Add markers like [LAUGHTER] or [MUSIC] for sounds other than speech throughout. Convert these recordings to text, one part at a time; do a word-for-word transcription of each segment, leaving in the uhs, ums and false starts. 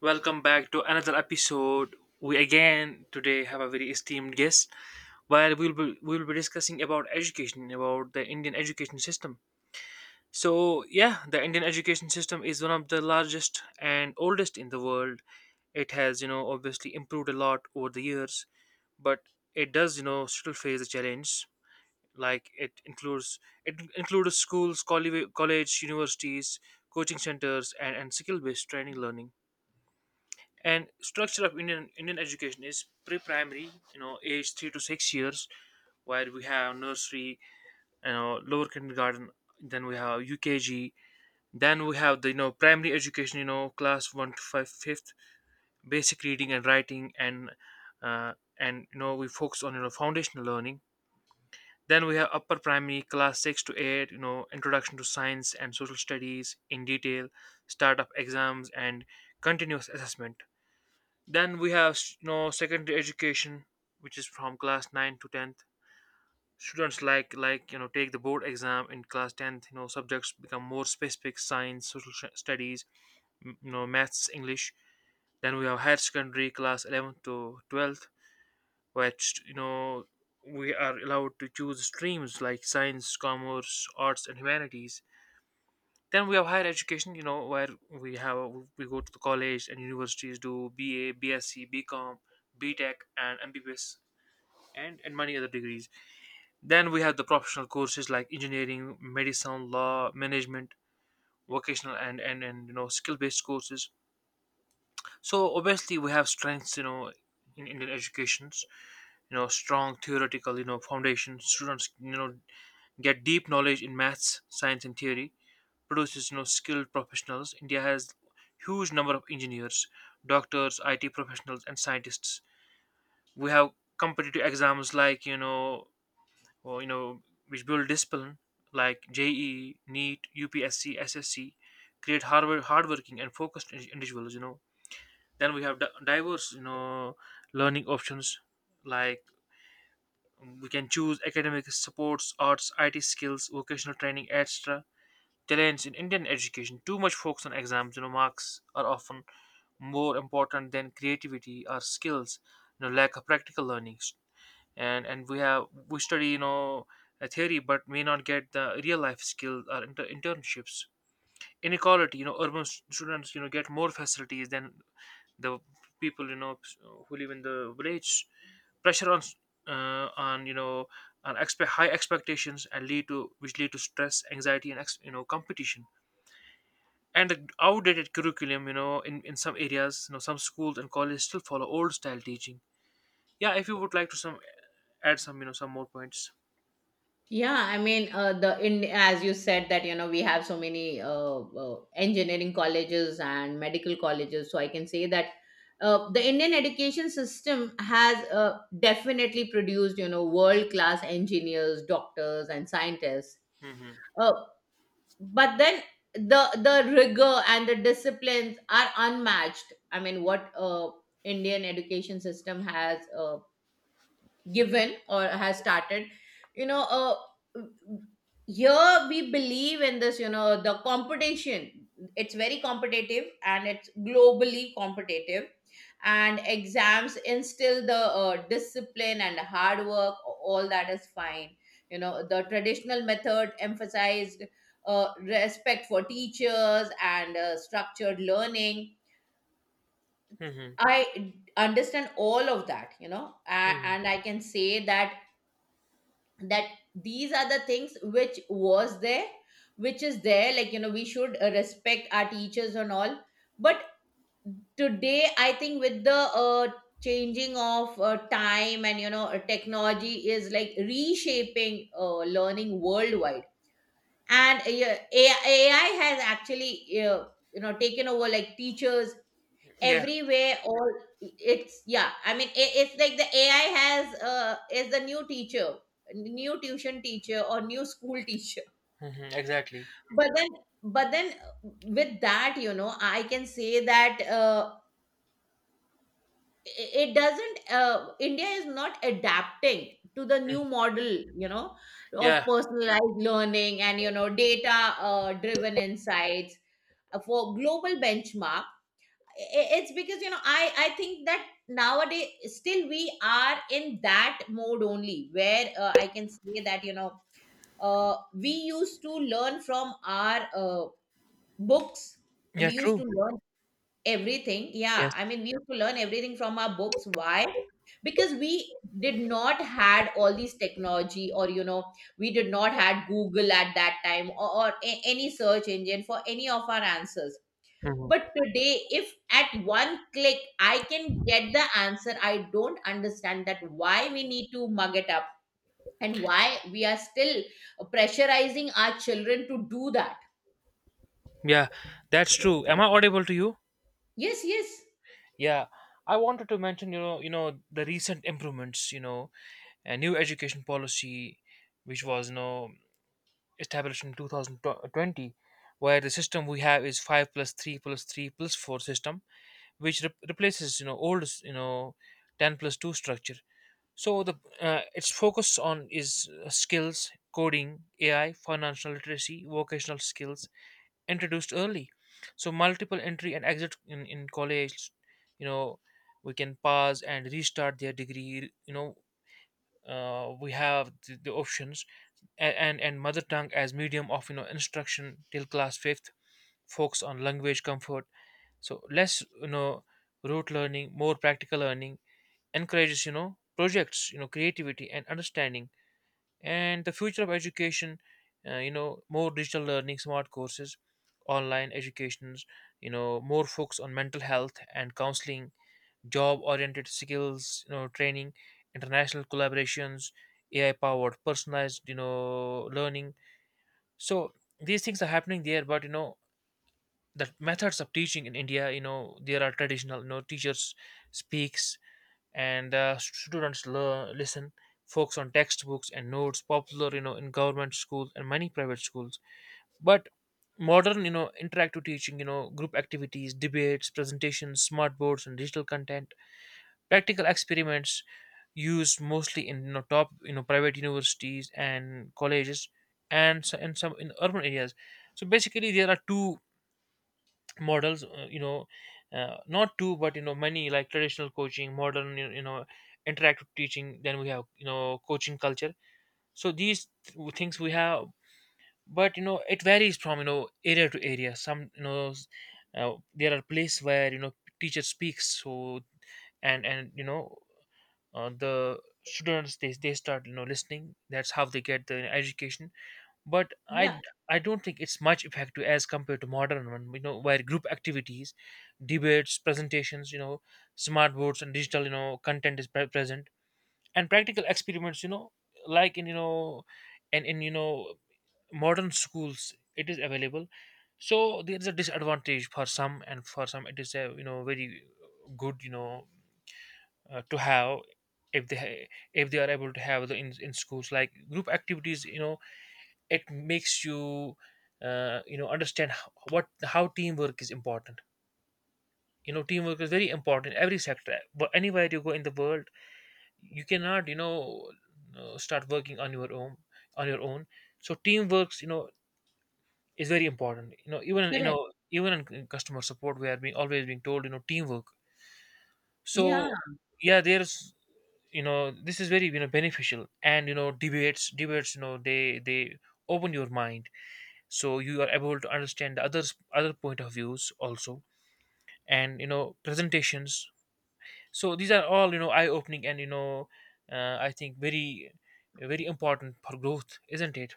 Welcome back to another episode. We again today have a very esteemed guest where we'll be we'll be discussing about education, about the Indian education system. So yeah, the Indian education system is one of the largest and oldest in the world. It has, you know, obviously improved a lot over the years, but it does, you know, still face a challenge. Like it includes it includes schools, colli- college, universities, coaching centers, and, and skill-based training learning. And structure of indian indian education is pre-primary, you know age three to six years, where we have nursery, you know lower kindergarten, then we have UKG, then we have the you know primary education, you know class one to five fifth, basic reading and writing, and uh, and you know we focus on you know foundational learning. Then we have upper primary class six to eight, you know introduction to science and social studies in detail, start up exams and continuous assessment. Then we have you know secondary education, which is from class nine to tenth. Students like like you know take the board exam in class tenth. You know, subjects become more specific: science, social sh- studies, m- you know maths, English. Then we have higher secondary class eleventh to twelfth, which you know we are allowed to choose streams like science, commerce, arts, and humanities. Then we have higher education, you know, where we have we go to the college and universities, do B A, BSc, BCom, BTech, and M B B S, and and many other degrees. Then we have the professional courses like engineering, medicine, law, management, vocational, and and and you know skill based courses. So obviously we have strengths, you know, in Indian educations, you know, strong theoretical, you know, foundation. Students, you know, get deep knowledge in maths, science, and theory. Produces you know skilled professionals. India has huge number of engineers, doctors, I T professionals, and scientists. We have competitive exams, like you know or, you know which build discipline, like JEE, NEET, UPSC, SSC, create hard hardworking and focused indi- individuals. You know, then we have di- diverse you know learning options, like we can choose academic sports, arts, I T skills, vocational training, etc. Challenge in Indian education: too much focus on exams, you know, marks are often more important than creativity or skills. You know, lack of practical learnings, and and we have we study, you know a theory, but may not get the real life skills or inter- internships. Inequality, you know, urban s- students you know get more facilities than the people you know who live in the village. Pressure on s- uh, on you know on expect, high expectations and lead to, which lead to stress, anxiety, and ex- you know competition, and the outdated curriculum, you know, in, in some areas, you know, some schools and colleges still follow old style teaching. Yeah, if you would like to some add some, you know some more points. Yeah, I mean, uh, the in as you said that you know we have so many uh, uh, engineering colleges and medical colleges, so I can say that uh, the Indian education system has uh, definitely produced you know world class engineers, doctors, and scientists. Mm-hmm. Uh, but then the the rigor and the disciplines are unmatched. I mean, what uh, Indian education system has. Uh, given or has started you know uh, here we believe in this you know the competition. It's very competitive and it's globally competitive, and exams instill the uh, discipline and hard work, all that is fine. You know the traditional method emphasized uh, respect for teachers and uh, structured learning. Mm-hmm. I understand all of that, you know, A- hmm. and I can say that that these are the things which was there, which is there, like you know we should uh, respect our teachers and all. But today I think with the uh, changing of uh, time and you know uh, technology is like reshaping uh, learning worldwide, and uh, yeah, A I, has actually uh, you know taken over like teachers Yeah. everywhere, all. It's yeah, I mean, i- it's like the ai has uh is the new teacher, new tuition teacher or new school teacher. Mm-hmm. Exactly. But then, but then with that you know I can say that uh, i- it doesn't uh, india is not adapting to the new model, you know, of Yeah. personalized learning and you know data uh, driven insights uh, for global benchmark. I- it's because you know i i think that nowadays still we are in that mode only where uh, I can say that you know uh, we used to learn from our uh, books. Yeah, We used true. to learn everything. Yeah, Yes. I mean, we used to learn everything from our books, why? Because we did not had all these technology or you know we did not had google at that time, or, or a- any search engine for any of our answers. Hmm. But today, if at one click I can get the answer, I don't understand that why we need to mug it up and why we are still pressurizing our children to do that. Yeah. That's true, am I audible to you? Yes, yes. Yeah, I wanted to mention, you know you know the recent improvements, you know a new education policy which was you know established in two thousand twenty, where the system we have is five plus three plus three plus four system, which re- replaces, you know old, you know ten plus two structure. So the, uh, its focus on is, uh, skills, coding, AI, financial literacy, vocational skills introduced early. So multiple entry and exit in, in college, you know, we can pause and restart their degree, you know uh, we have the, the options, and, and and mother tongue as medium of you know instruction till class fifth, focus on language comfort. So less, you know, rote learning, more practical learning, encourages, you know, projects, you know, creativity and understanding. And the future of education, uh, you know, more digital learning, smart courses, online educations, you know, more focus on mental health and counseling, job-oriented skills, you know, training, international collaborations, A I-powered personalized, you know, learning. So these things are happening there, but you know, the methods of teaching in india, you know, there are traditional, you know, teachers speaks, and uh, students learn, listen, focus on textbooks and notes, popular you know in government schools and many private schools. But modern, you know, interactive teaching, you know, group activities, debates, presentations, smart boards and digital content, practical experiments, used mostly in, you know, top, you know, private universities and colleges, and so, and some in urban areas. So basically there are two models, uh, you know uh, not two but, you know, many, like traditional coaching, modern you you know interactive teaching. Then we have, you know, coaching culture. So these th- things we have, but you know, it varies from, you know, area to area. Some, you know s- uh, there are places where, you know, teacher speaks, so and and you know uh, the students they, they start, you know listening, that's how they get the education. But I I Yeah, d- I don't think it's much effective as compared to modern one, you know, where group activities, debates, presentations, you know, smart boards and digital, you know, content is pre- present, and practical experiments, you know, like in, you know and in you know modern schools, it is available. So there is a disadvantage for some, and for some it is a, you know, very good, you know uh, to have, if they ha- if they are able to have the in, in schools, like group activities, you know, it makes you, uh, you know, understand how, what, how teamwork is important. You know, teamwork is very important in every sector, but anywhere you go in the world, you cannot, you know uh, start working on your own, on your own so teamwork, you know, is very important. You know even in- you know, correct. even in c- customer support, we are being always being told, you know, teamwork. Yeah. So yeah, there's, you know, this is very, you know, beneficial, and you know, debates debates, you know, they they open your mind, so you are able to understand the others other point of views also, and you know, presentations. So these are all, you know, eye opening, and you know, uh, I think very, very important for growth, isn't it?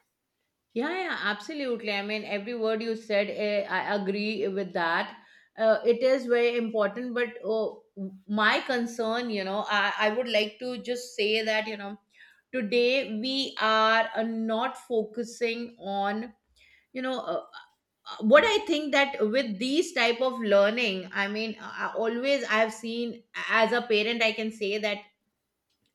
Yeah, yeah, absolutely. I mean, every word you said, eh, I agree with that. Uh, it is very important, but oh, my concern, you know, I, I would like to just say that, you know, today we are uh, not focusing on you know uh, uh, what I think that with these type of learning, I mean, I I always I have seen, as a parent I can say that,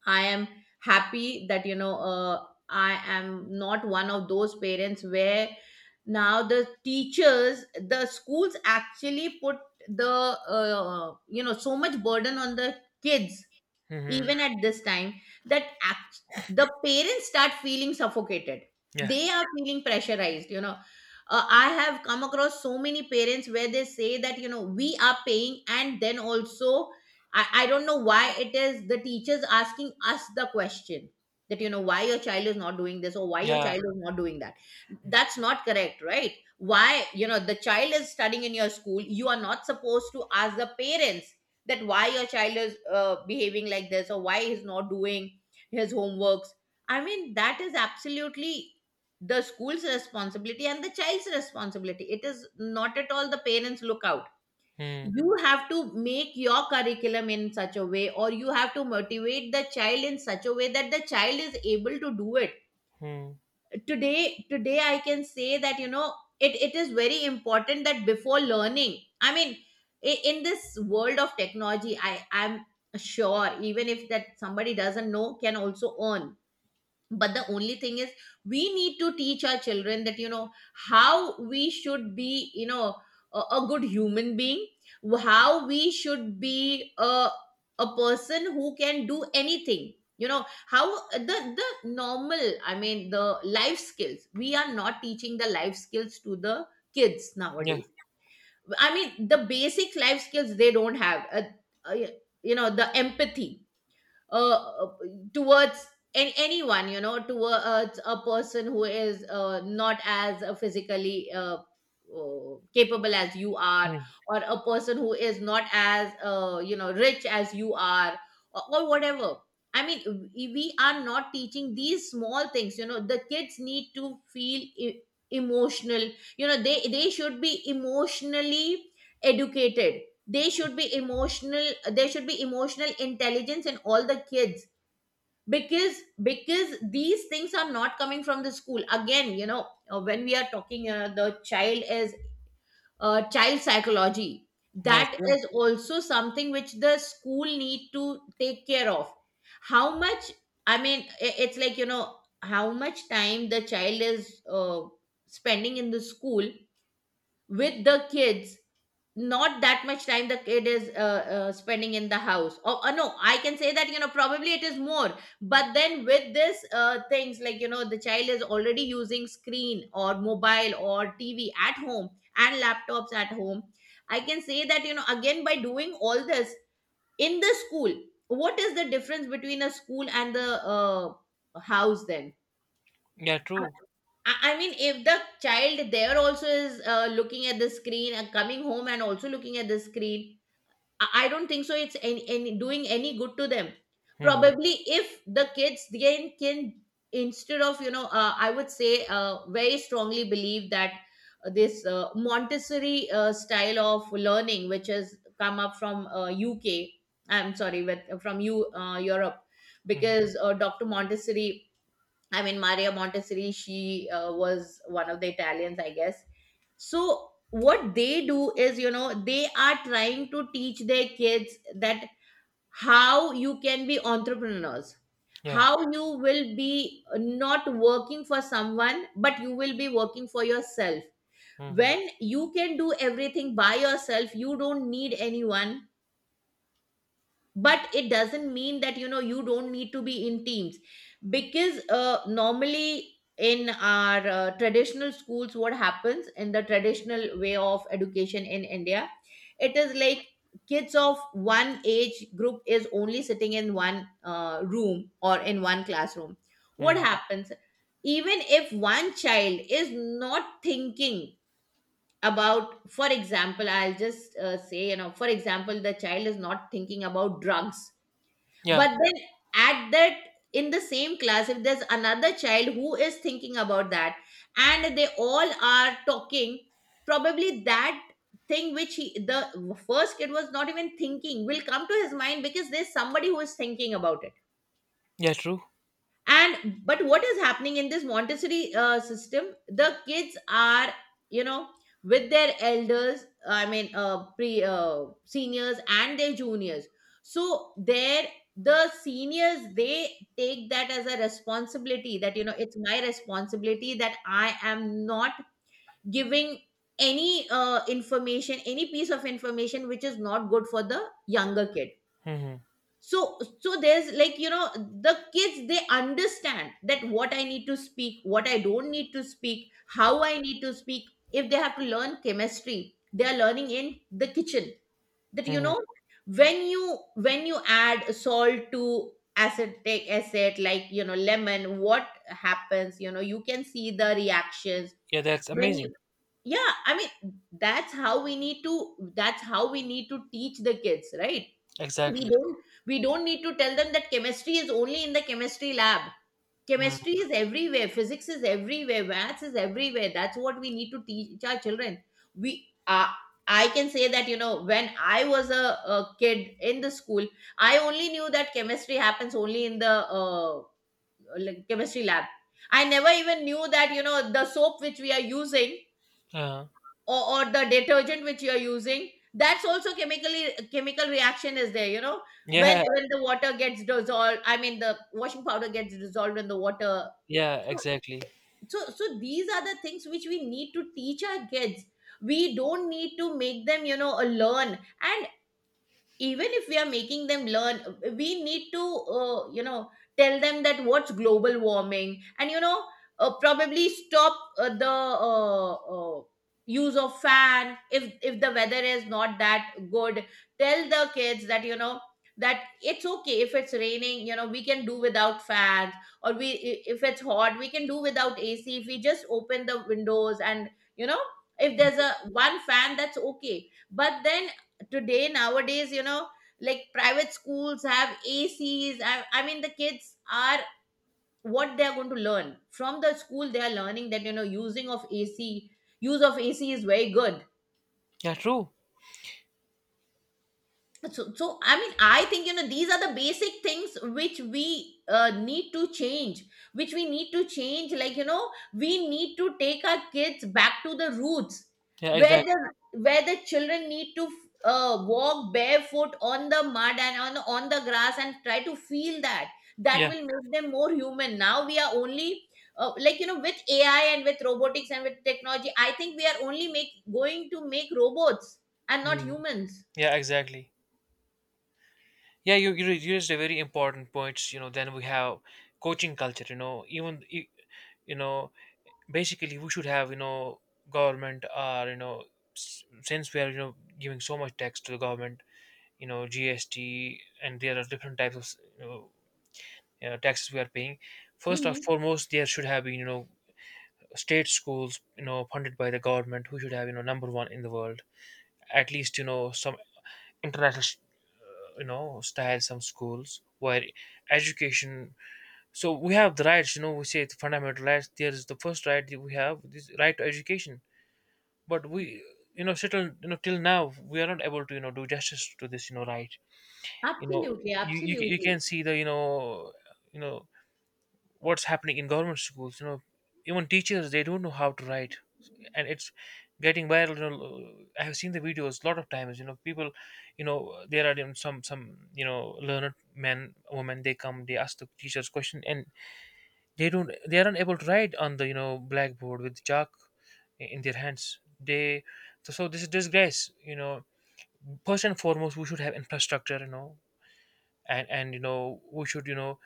I am happy that you know uh, I am not one of those parents where now the teachers, the schools, actually put the uh, you know so much burden on the kids. Hmm. Even at this time, that act- the parents start feeling suffocated, Yeah. they are feeling pressurized, you know. Uh, I have come across so many parents where they say that you know we are paying and then also, I, I don't know why it is the teachers asking us the question that you know why your child is not doing this or why your Yeah. child is not doing that. That's not correct, right? Why, you know, the child is studying in your school, you are not supposed to ask the parents that why your child is uh, behaving like this or why he's not doing his homeworks. I mean, that is absolutely the school's responsibility and the child's responsibility, it is not at all the parents lookout. Mm. You have to make your curriculum in such a way or you have to motivate the child in such a way that the child is able to do it. Hmm. Today today I can say that you know it, it is very important that before learning, I mean, i- in this world of technology i i'm sure even if that somebody doesn't know can also earn. But the only thing is we need to teach our children that you know how we should be, you know, a, a good human being, how we should be a, a person who can do anything, you know how the the normal, I mean, the life skills, we are not teaching the life skills to the kids Yeah. nowadays. I mean the basic life skills they don't have, uh, uh, you know, the empathy uh, towards an- anyone, you know, towards a person who is uh, not as uh, physically uh, uh, capable as you are, Mm. or a person who is not as uh, you know rich as you are, or, or whatever. I mean we we are not teaching these small things. You know the kids need to feel e- emotional, you know, they they should be emotionally educated, they should be emotional, there should be emotional intelligence in all the kids. Because because these things are not coming from the school again, you know, uh, when we are talking, uh, the child is uh, child psychology, Yeah, that true. is also something which the school need to take care of. How much, I mean, i- it's like you know how much time the child is uh, spending in the school with the kids, not that much time the kid is uh, uh, spending in the house, or uh, no I can say that you know probably it is more. But then with this uh, things like you know the child is already using screen or mobile or tv at home and laptops at home, I can say that you know again by doing all this in the school, what is the difference between a school and the uh, house then? Yeah, I- true. I I mean, if the child there also is uh, looking at the screen and coming home and also looking at the screen, I I don't think so. It's any, any doing any good to them. Hmm. Probably if the kids then can, instead of you know uh, I would say uh, very strongly believe that uh, this uh, Montessori uh, style of learning, which has come up from uh, U K, I'm sorry, with from you uh, Europe, Hmm. because uh, doctor Montessori, I mean, Maria Montessori, she uh, was one of the Italians, I guess. So what they do is you know they are trying to teach their kids that how you can be entrepreneurs, Yeah. how you will be not working for someone but you will be working for yourself. Hmm. When you can do everything by yourself you don't need anyone, but it doesn't mean that you know you don't need to be in teams. Because uh, normally in our uh, traditional schools, what happens in the traditional way of education in india, it is like kids of one age group is only sitting in one uh, room or in one classroom. What Hmm. happens, even if one child is not thinking about, for example, I'll just uh, say, you know, for example the child is not thinking about drugs, Yeah. but then at that, in the same class if there's another child who is thinking about that and they all are talking, probably that thing which he the first kid was not even thinking will come to his mind because there's somebody who is thinking about it. Yeah, true. And but what is happening in this montessori uh, system, the kids are, you know, with their elders, I mean, uh, pre uh, seniors and their juniors. So there the seniors they take that as a responsibility that you know it's my responsibility that I am not giving any uh, information, any piece of information which is not good for the younger kid. Hmm. So so there's like you know the kids they understand that what I need to speak, what I don't need to speak, how I need to speak. If they have to learn chemistry they are learning in the kitchen, that you Hmm. know when you when you add salt to acetic acid, like you know lemon, what happens, you know you can see the reactions. Yeah, that's When amazing. you, yeah I mean, that's how we need to, that's how we need to teach the kids, right? We Exactly. don't, we don't need to tell them that chemistry is only in the chemistry lab. Hmm. Chemistry is everywhere, physics is everywhere, maths is everywhere, that's what we need to teach our children. We uh, I can say that you know when I was a, a kid in the school, I only knew that chemistry happens only in the uh, like, chemistry lab. I never even knew that you know the soap which we are using, Uh, or, or the detergent which you're using, that's also chemically chemical reaction is there, you know, when yeah. when the water gets dissolved, I mean the washing powder gets dissolved in the water. Yeah, So exactly. so, so these are the things which we need to teach our kids. We don't need to make them you know uh, learn, and even if we are making them learn, we need to uh, you know tell them that what's global warming, and you know uh, probably stop uh, the uh, uh, use of fan if if the weather is not that good. Tell the kids that you know that it's okay if it's raining, you know we can do without fans, or we, i- if it's hot, we can do without A C if we just open the windows, and, you know if there's a one fan, that's okay. But then today nowadays, you know like private schools have A Cs. I, I mean, the kids are, what they are going to learn from the school, they are learning that, you know using of A C, use of A C is very good. Yeah, true. So so I mean, I think, you know these are the basic things which we uh, need to change, which we need to change, like, you know we need to take our kids back to the roots, Yeah, where exactly. the where the children need to uh, walk barefoot on the mud and on on the grass and try to feel that. That will make them more human. Now we are only uh, like, you know with A I and with robotics and with technology, I think we are only make going to make robots and not Mm. humans. Yeah, exactly. Yeah, you you you raised a very important point. You know, then we have coaching culture. You know, even i- you know, basically we should have, you know, government, or, you know s- since we are, you know, giving so much tax to the government, you know, G S T, and there are different types of, you know, you know, taxes we are paying. First and Mhm. foremost, there should have been, you know, state schools, you know, funded by the government, who should have, you know, number one in the world. At least, you know, some international, you know, style, some schools where education, so we have the rights, you know, we say the fundamental rights, there is the first right that we have, this right to education. But we, you know, still, you know, till now, we are not able to, you know, do justice to this, you know, right. You know, Absolutely, you you, ca- you absolutely, can see the, you know you know what's happening in government schools, you know, even teachers they don't know how to write, and it's getting viral, you know, I have seen the videos a lot of times, you know, people, you know, there are, you know, some some, you know, learned men, women, they come, they ask the teachers question, and they don't they aren't able to write on the, you know, blackboard with chalk i- in their hands they. So, so this is disgrace, you know. First and foremost, we should have infrastructure, you know, and and you know we should, you know,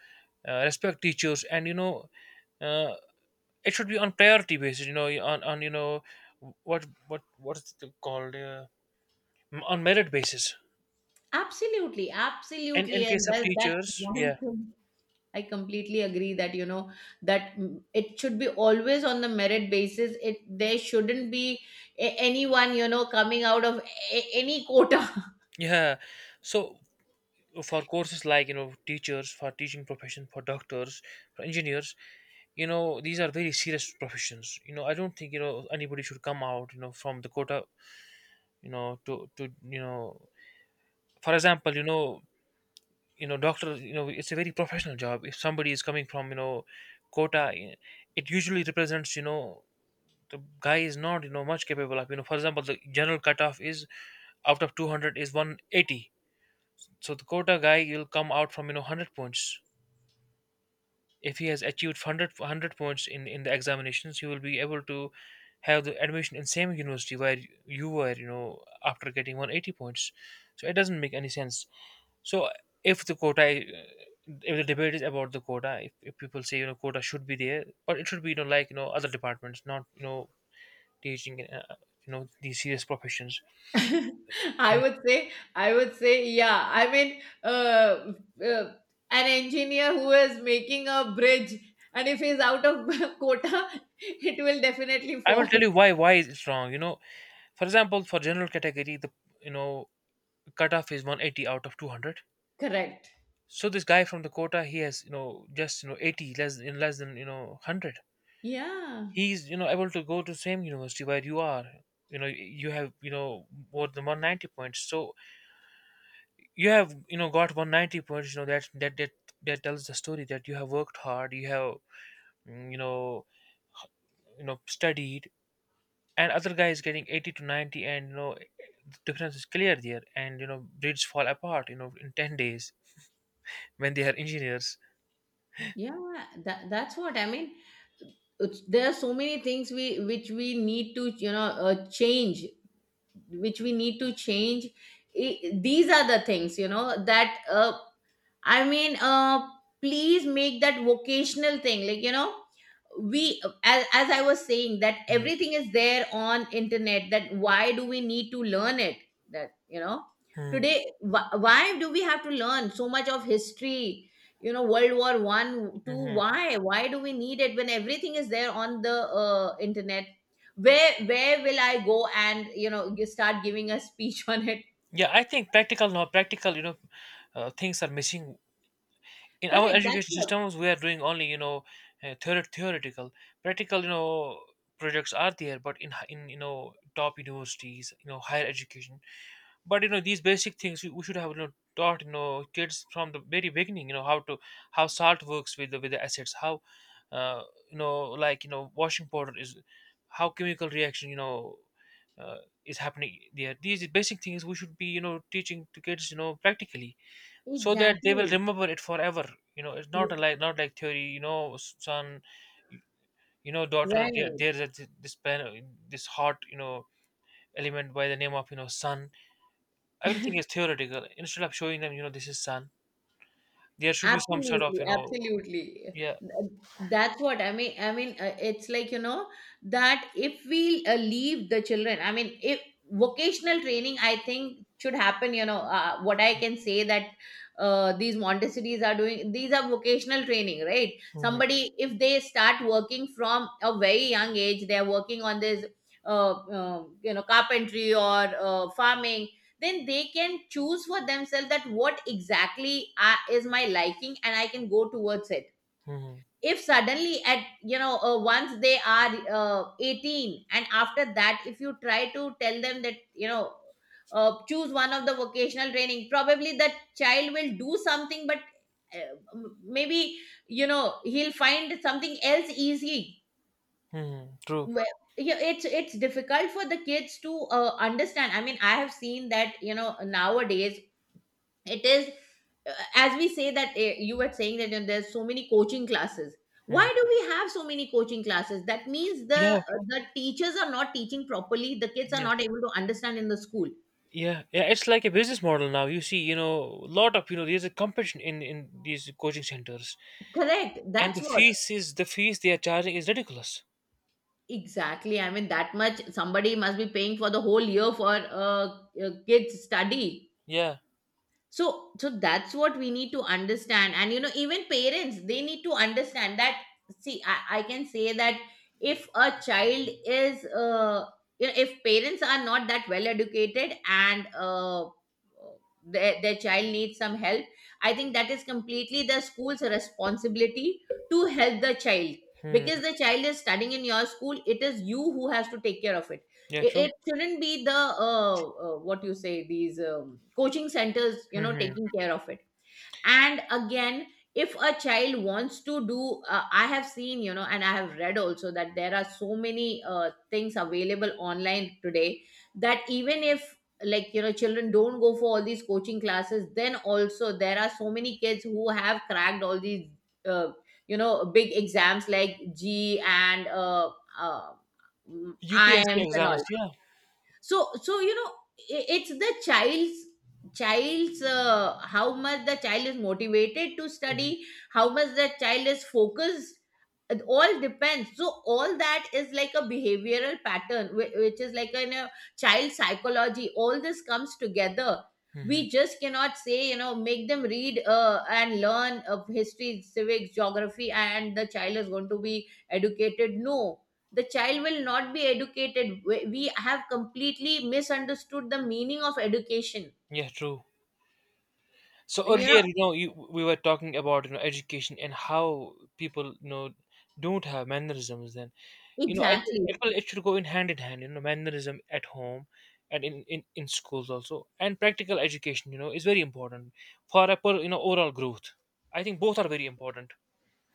uh, respect teachers, and you know, uh, it should be on priority basis, you know, on on you know, what what what is it called, uh, on merit basis, absolutely, and in absolutely. And case of that, that's teachers, one yeah. thing. I completely agree that, you know, that, mm, it should be always on the merit basis. It There shouldn't be a- anyone, you know, coming out of a- any quota. Yeah, so for courses like, you know, teachers, for teaching profession, for doctors, for engineers, you know, these are very serious professions, you know, I don't think, you know, anybody should come out, you know, from the quota, you know, to to you know, for example, you know, you know, doctor, you know, it's a very professional job. If somebody is coming from, you know, quota, it usually represents, you know, the guy is not, you know, much capable of, you know. For example, the general cutoff is out of two hundred is one hundred eighty, so the quota guy will come out from, you know, one hundred points If he has achieved one hundred, one hundred points in in the examinations, he will be able to have the admission in same university where you were, you know after getting one hundred eighty points. So it doesn't make any sense. So, if the quota uh, if the debate is about the quota, if, if people say, you know quota should be there, but it should be, you know like, you know other departments, not, you know teaching, uh, you know these serious professions. [LAUGHS] I Yeah. would say, I would say, yeah. I mean, uh, uh, an engineer who is making a bridge, and if he's out of [LAUGHS] quota, it will definitely I will fall. tell you why why it's wrong you know For example, for general category, the, you know cutoff is one hundred eighty out of two hundred. [LAUGHS] Correct. So this guy from the quota, he has, you know just, you know eighty less in less than, you know one hundred. Yeah. He's, you know able to go to same university where you are you know you have, you know more than one hundred ninety points. So you have, you know got one hundred ninety points you know that that that, that tells the story that you have worked hard, you have, mm, you know you know studied. And other guy is getting eighty to ninety, and, you know the difference is clear there, and, you know breeds fall apart, you know in ten days when they are engineers. yeah that, that's what I mean. It's, there are so many things we which we need to, you know uh, change, which we need to change. I These are the things, you know that uh, i mean uh, please make that vocational thing, like, you know we as, as I was saying, that everything is there on internet, that why do we need to learn it, that, you know Mm-hmm. today, wh- why do we have to learn so much of history, you know world war one two, why why do we need it when everything is there on the uh, internet, where where will I go and, you know you start giving a speech [LAUGHS] on it. Yeah, I think practical, no, practical, you know uh, things are missing in our Correct, that's education what. systems. We are doing only, you know uh, theor- theoretical. Practical, you know projects are there, but in hi- in you know top universities, you know higher education. But, you know these basic things, we we should have, you know, taught, you know kids from the very beginning, you know how to how salt works with the with the acids, how uh, you know like, you know washing powder is how chemical reaction, you know uh, is happening there. These basic things we should be, you know teaching to kids, you know practically, so that they will Exactly. remember it forever. you know it's not a, R- like, not like theory. you know s- son, you you know daughter, there, right there's a, this plan, this hot, you know element by the name of, you know sun. Everything is [LAUGHS] theoretical. Instead of showing them, you know, this is sun, there should be some sort of, Absolutely, you know, absolutely. Yeah. Th- That's what I mean. I mean, uh, it's like, you know, that if we, uh, leave the children, I mean, if vocational training, I think, should happen, you know, uh, what I can say, that uh, these Montessori's are doing, these are vocational training, right? Hmm. Somebody, if they start working from a very young age, they're working on this. Uh, uh, you know carpentry or uh, farming, then they can choose for themselves that what exactly uh, is my liking and I can go towards it. Hmm. If suddenly at, you know uh, once they are uh, eighteen, and after that if you try to tell them that, you know uh, choose one of the vocational training, probably that child will do something, but uh, m- maybe, you know, he'll find something else easy. Hmm. True. Well, yeah, it's it's difficult for the kids to uh, understand. I mean, I have seen that, you know, nowadays it is, uh, as we say that, uh, you were saying that, you know, there's so many coaching classes. Why do Hmm. we have so many coaching classes? That means the Yeah, uh, the teachers are not teaching properly, the kids are not yes. able to understand in the school. Yeah, yeah, it's like a business model now. You see, you know, a lot of, you know, there's a competition in in these coaching centers, Correct, and that's the what. fees is the fees they are charging is ridiculous. Exactly, I mean, that much somebody must be paying for the whole year for uh, uh, kids study. Yeah. So so that's what we need to understand, and, you know, even parents, they need to understand that, see, i, I can say that, if a child is, uh, you know, if parents are not that well educated and, uh, their, their child needs some help, I think that is completely the school's responsibility to help the child. Hmm. Because the child is studying in your school, it is you who has to take care of it. Yeah, it, true. it shouldn't be the, uh, uh, what you say, these, um, coaching centers, you know, Hmm. taking care of it. And again, if a child wants to do, uh, I have seen, you know, and I have read also that there are so many uh, things available online today, that even if, like, you know, children don't go for all these coaching classes, then also there are so many kids who have cracked all these, uh, you know, big exams like g and uh, uh, U P S C I Ms and all. exams, yeah. So so, you know, i- it's the child's child's, uh, how much the child is motivated to study, Hmm. how much the child is focused, it all depends. So all that is like a behavioral pattern whi- which is like in a child psychology, all this comes together. Hmm. We just cannot say, you know, make them read, uh, and learn of history, civics, geography, and the child is going to be educated. No, the child will not be educated. We we have completely misunderstood the meaning of education. Yeah, true. So You know, earlier, you know, you, we were talking about, you know education and how people, you know don't have mannerisms. Then, you know, I think exactly, it will it should go in hand in hand. You know, mannerism at home and in in, in schools also, and practical education, You know, is very important for a per, you know overall growth. I think both are very important.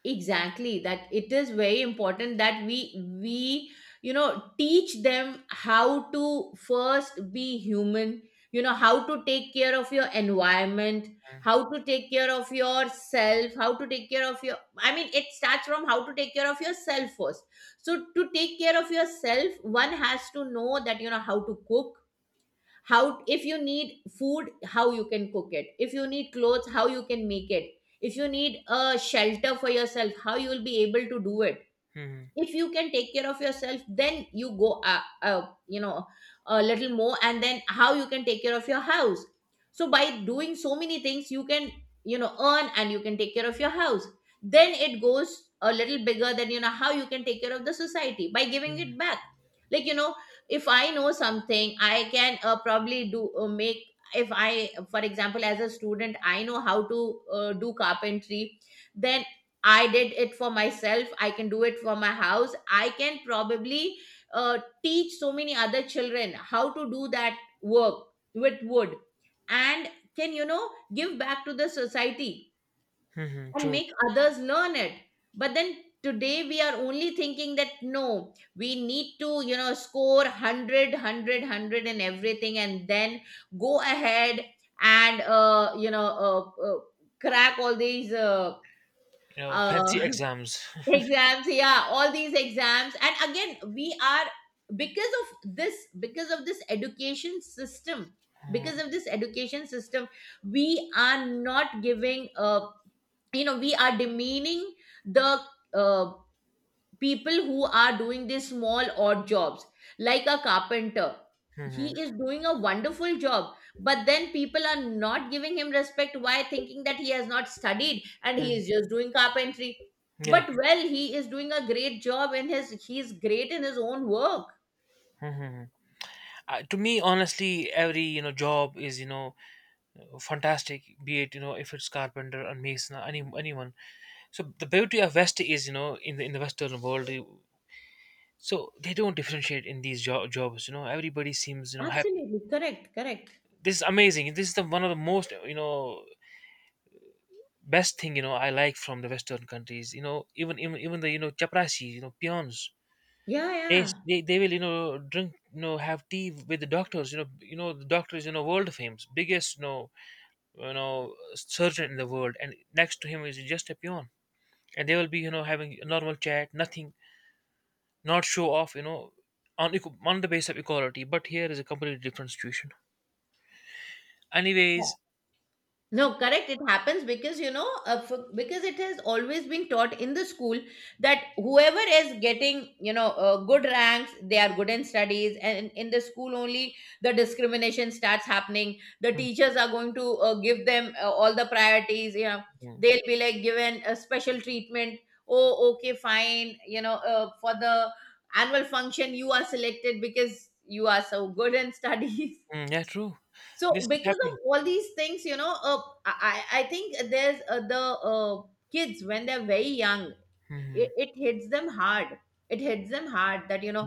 exactly, that it is very important that we we you know, teach them how to first be human. You know, how to take care of your environment, how to take care of yourself, how to take care of your, I mean, it starts from how to take care of yourself first. So, to take care of yourself, one has to know that, you know, how to cook, how, if you need food, how you can cook it. If you need clothes, how you can make it. If you need a shelter for yourself, how you will be able to do it. Mm-hmm. If you can take care of yourself, then you go, uh, uh, you know a little more and then how you can take care of your house. So by doing so many things, you can, you know, earn and you can take care of your house. Then it goes a little bigger than, you know, how you can take care of the society by giving it back. Like, you know, if I know something, I can, uh, probably do, uh, make, if I, for example, as a student, I know how to uh, do carpentry, then I did it for myself. I can do it for my house. I can probably uh, teach so many other children how to do that work with wood, and can, you know, give back to the society Mm-hmm. and True. make others learn it. But then today we are only thinking that, no, we need to, you know, score hundred, and everything, and then go ahead and, uh, you know, uh, uh, crack all these. Uh, You know, uh, fancy exams. Exams, yeah, all these exams. And again, we are, because of this because of this education system, because of this education system we are not giving uh you know, we are demeaning the uh, people who are doing these small odd jobs, like a carpenter. He Mm-hmm. is doing a wonderful job, but then people are not giving him respect. Why? Thinking that he has not studied and he is just doing carpentry. Yeah. But, well, he is doing a great job in his, he is great in his own work. Mm-hmm. Uh, to me, honestly, every, you know job is, you know fantastic, be it, you know if it's carpenter and mason, or any, anyone. So the beauty of west is, you know in the in the western world you- So they don't differentiate in these jo- jobs, you know everybody seems, you know happy. Absolutely. Correct, correct. This is amazing. This is the one of the most, you know best thing, you know I like from the western countries, you know even even, even the, you know chaprasi, you know peons. Yeah, they, yeah. they they will, you know drink, you know have tea with the doctors. You know, you know, the doctor is, you know world famous, biggest, you know you know surgeon in the world, and next to him is just a peon. And they will be, you know having a normal chat, nothing, not show off, you know on equ- on the basis of equality. But here is a completely different situation. Anyways. No, correct. It happens because, you know, uh, for, because it has always been taught in the school that whoever is getting, you know, uh, good ranks, they are good in studies, and in the school only the discrimination starts happening. The teachers are going to uh, give them uh, all the priorities. You know, Mhm. they'll be like given a special treatment. Oh, okay, fine. You know, uh, for the annual function, you are selected because you are so good in studies. [LAUGHS] Mm, yeah, true. So This is because of happening. all these things, you know, uh, i i I think there's, uh, the, uh, kids when they're very young, it, Mhm. it hits them hard, it hits them hard, that, you know,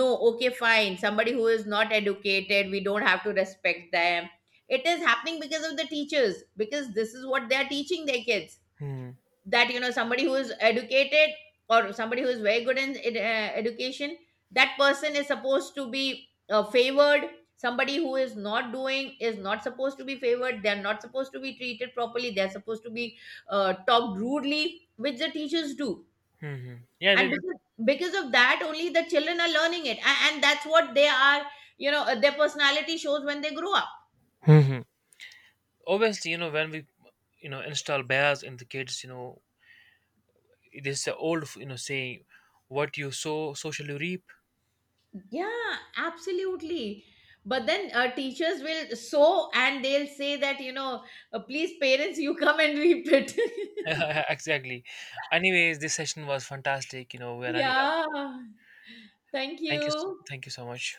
no, okay, fine, somebody who is not educated, we don't have to respect them. It is happening because of the teachers, because this is what they are teaching their kids, Mhm. that, you know, somebody who is educated or somebody who is very good in ed- uh, education, that person is supposed to be uh, favored. Somebody who is not doing is not supposed to be favored, they are not supposed to be treated properly, they are supposed to be uh, talked rudely, which the teachers do. Mhm. yeah they, And, because, because of that only the children are learning it, and, and that's what they are, you know, uh, their personality shows when they grow up. Mhm. Obviously, you know when we, you know install bias in the kids, you know it is the old, you know saying, what you sow socially reap. Yeah, absolutely. But then uh, teachers will so, and they'll say that, you know, uh, please, parents, you come and reap it. [LAUGHS] Exactly. Anyways, this session was fantastic. You know, [LAUGHS] we are running out. Yeah. Thank Thank you s- you. thank you so much.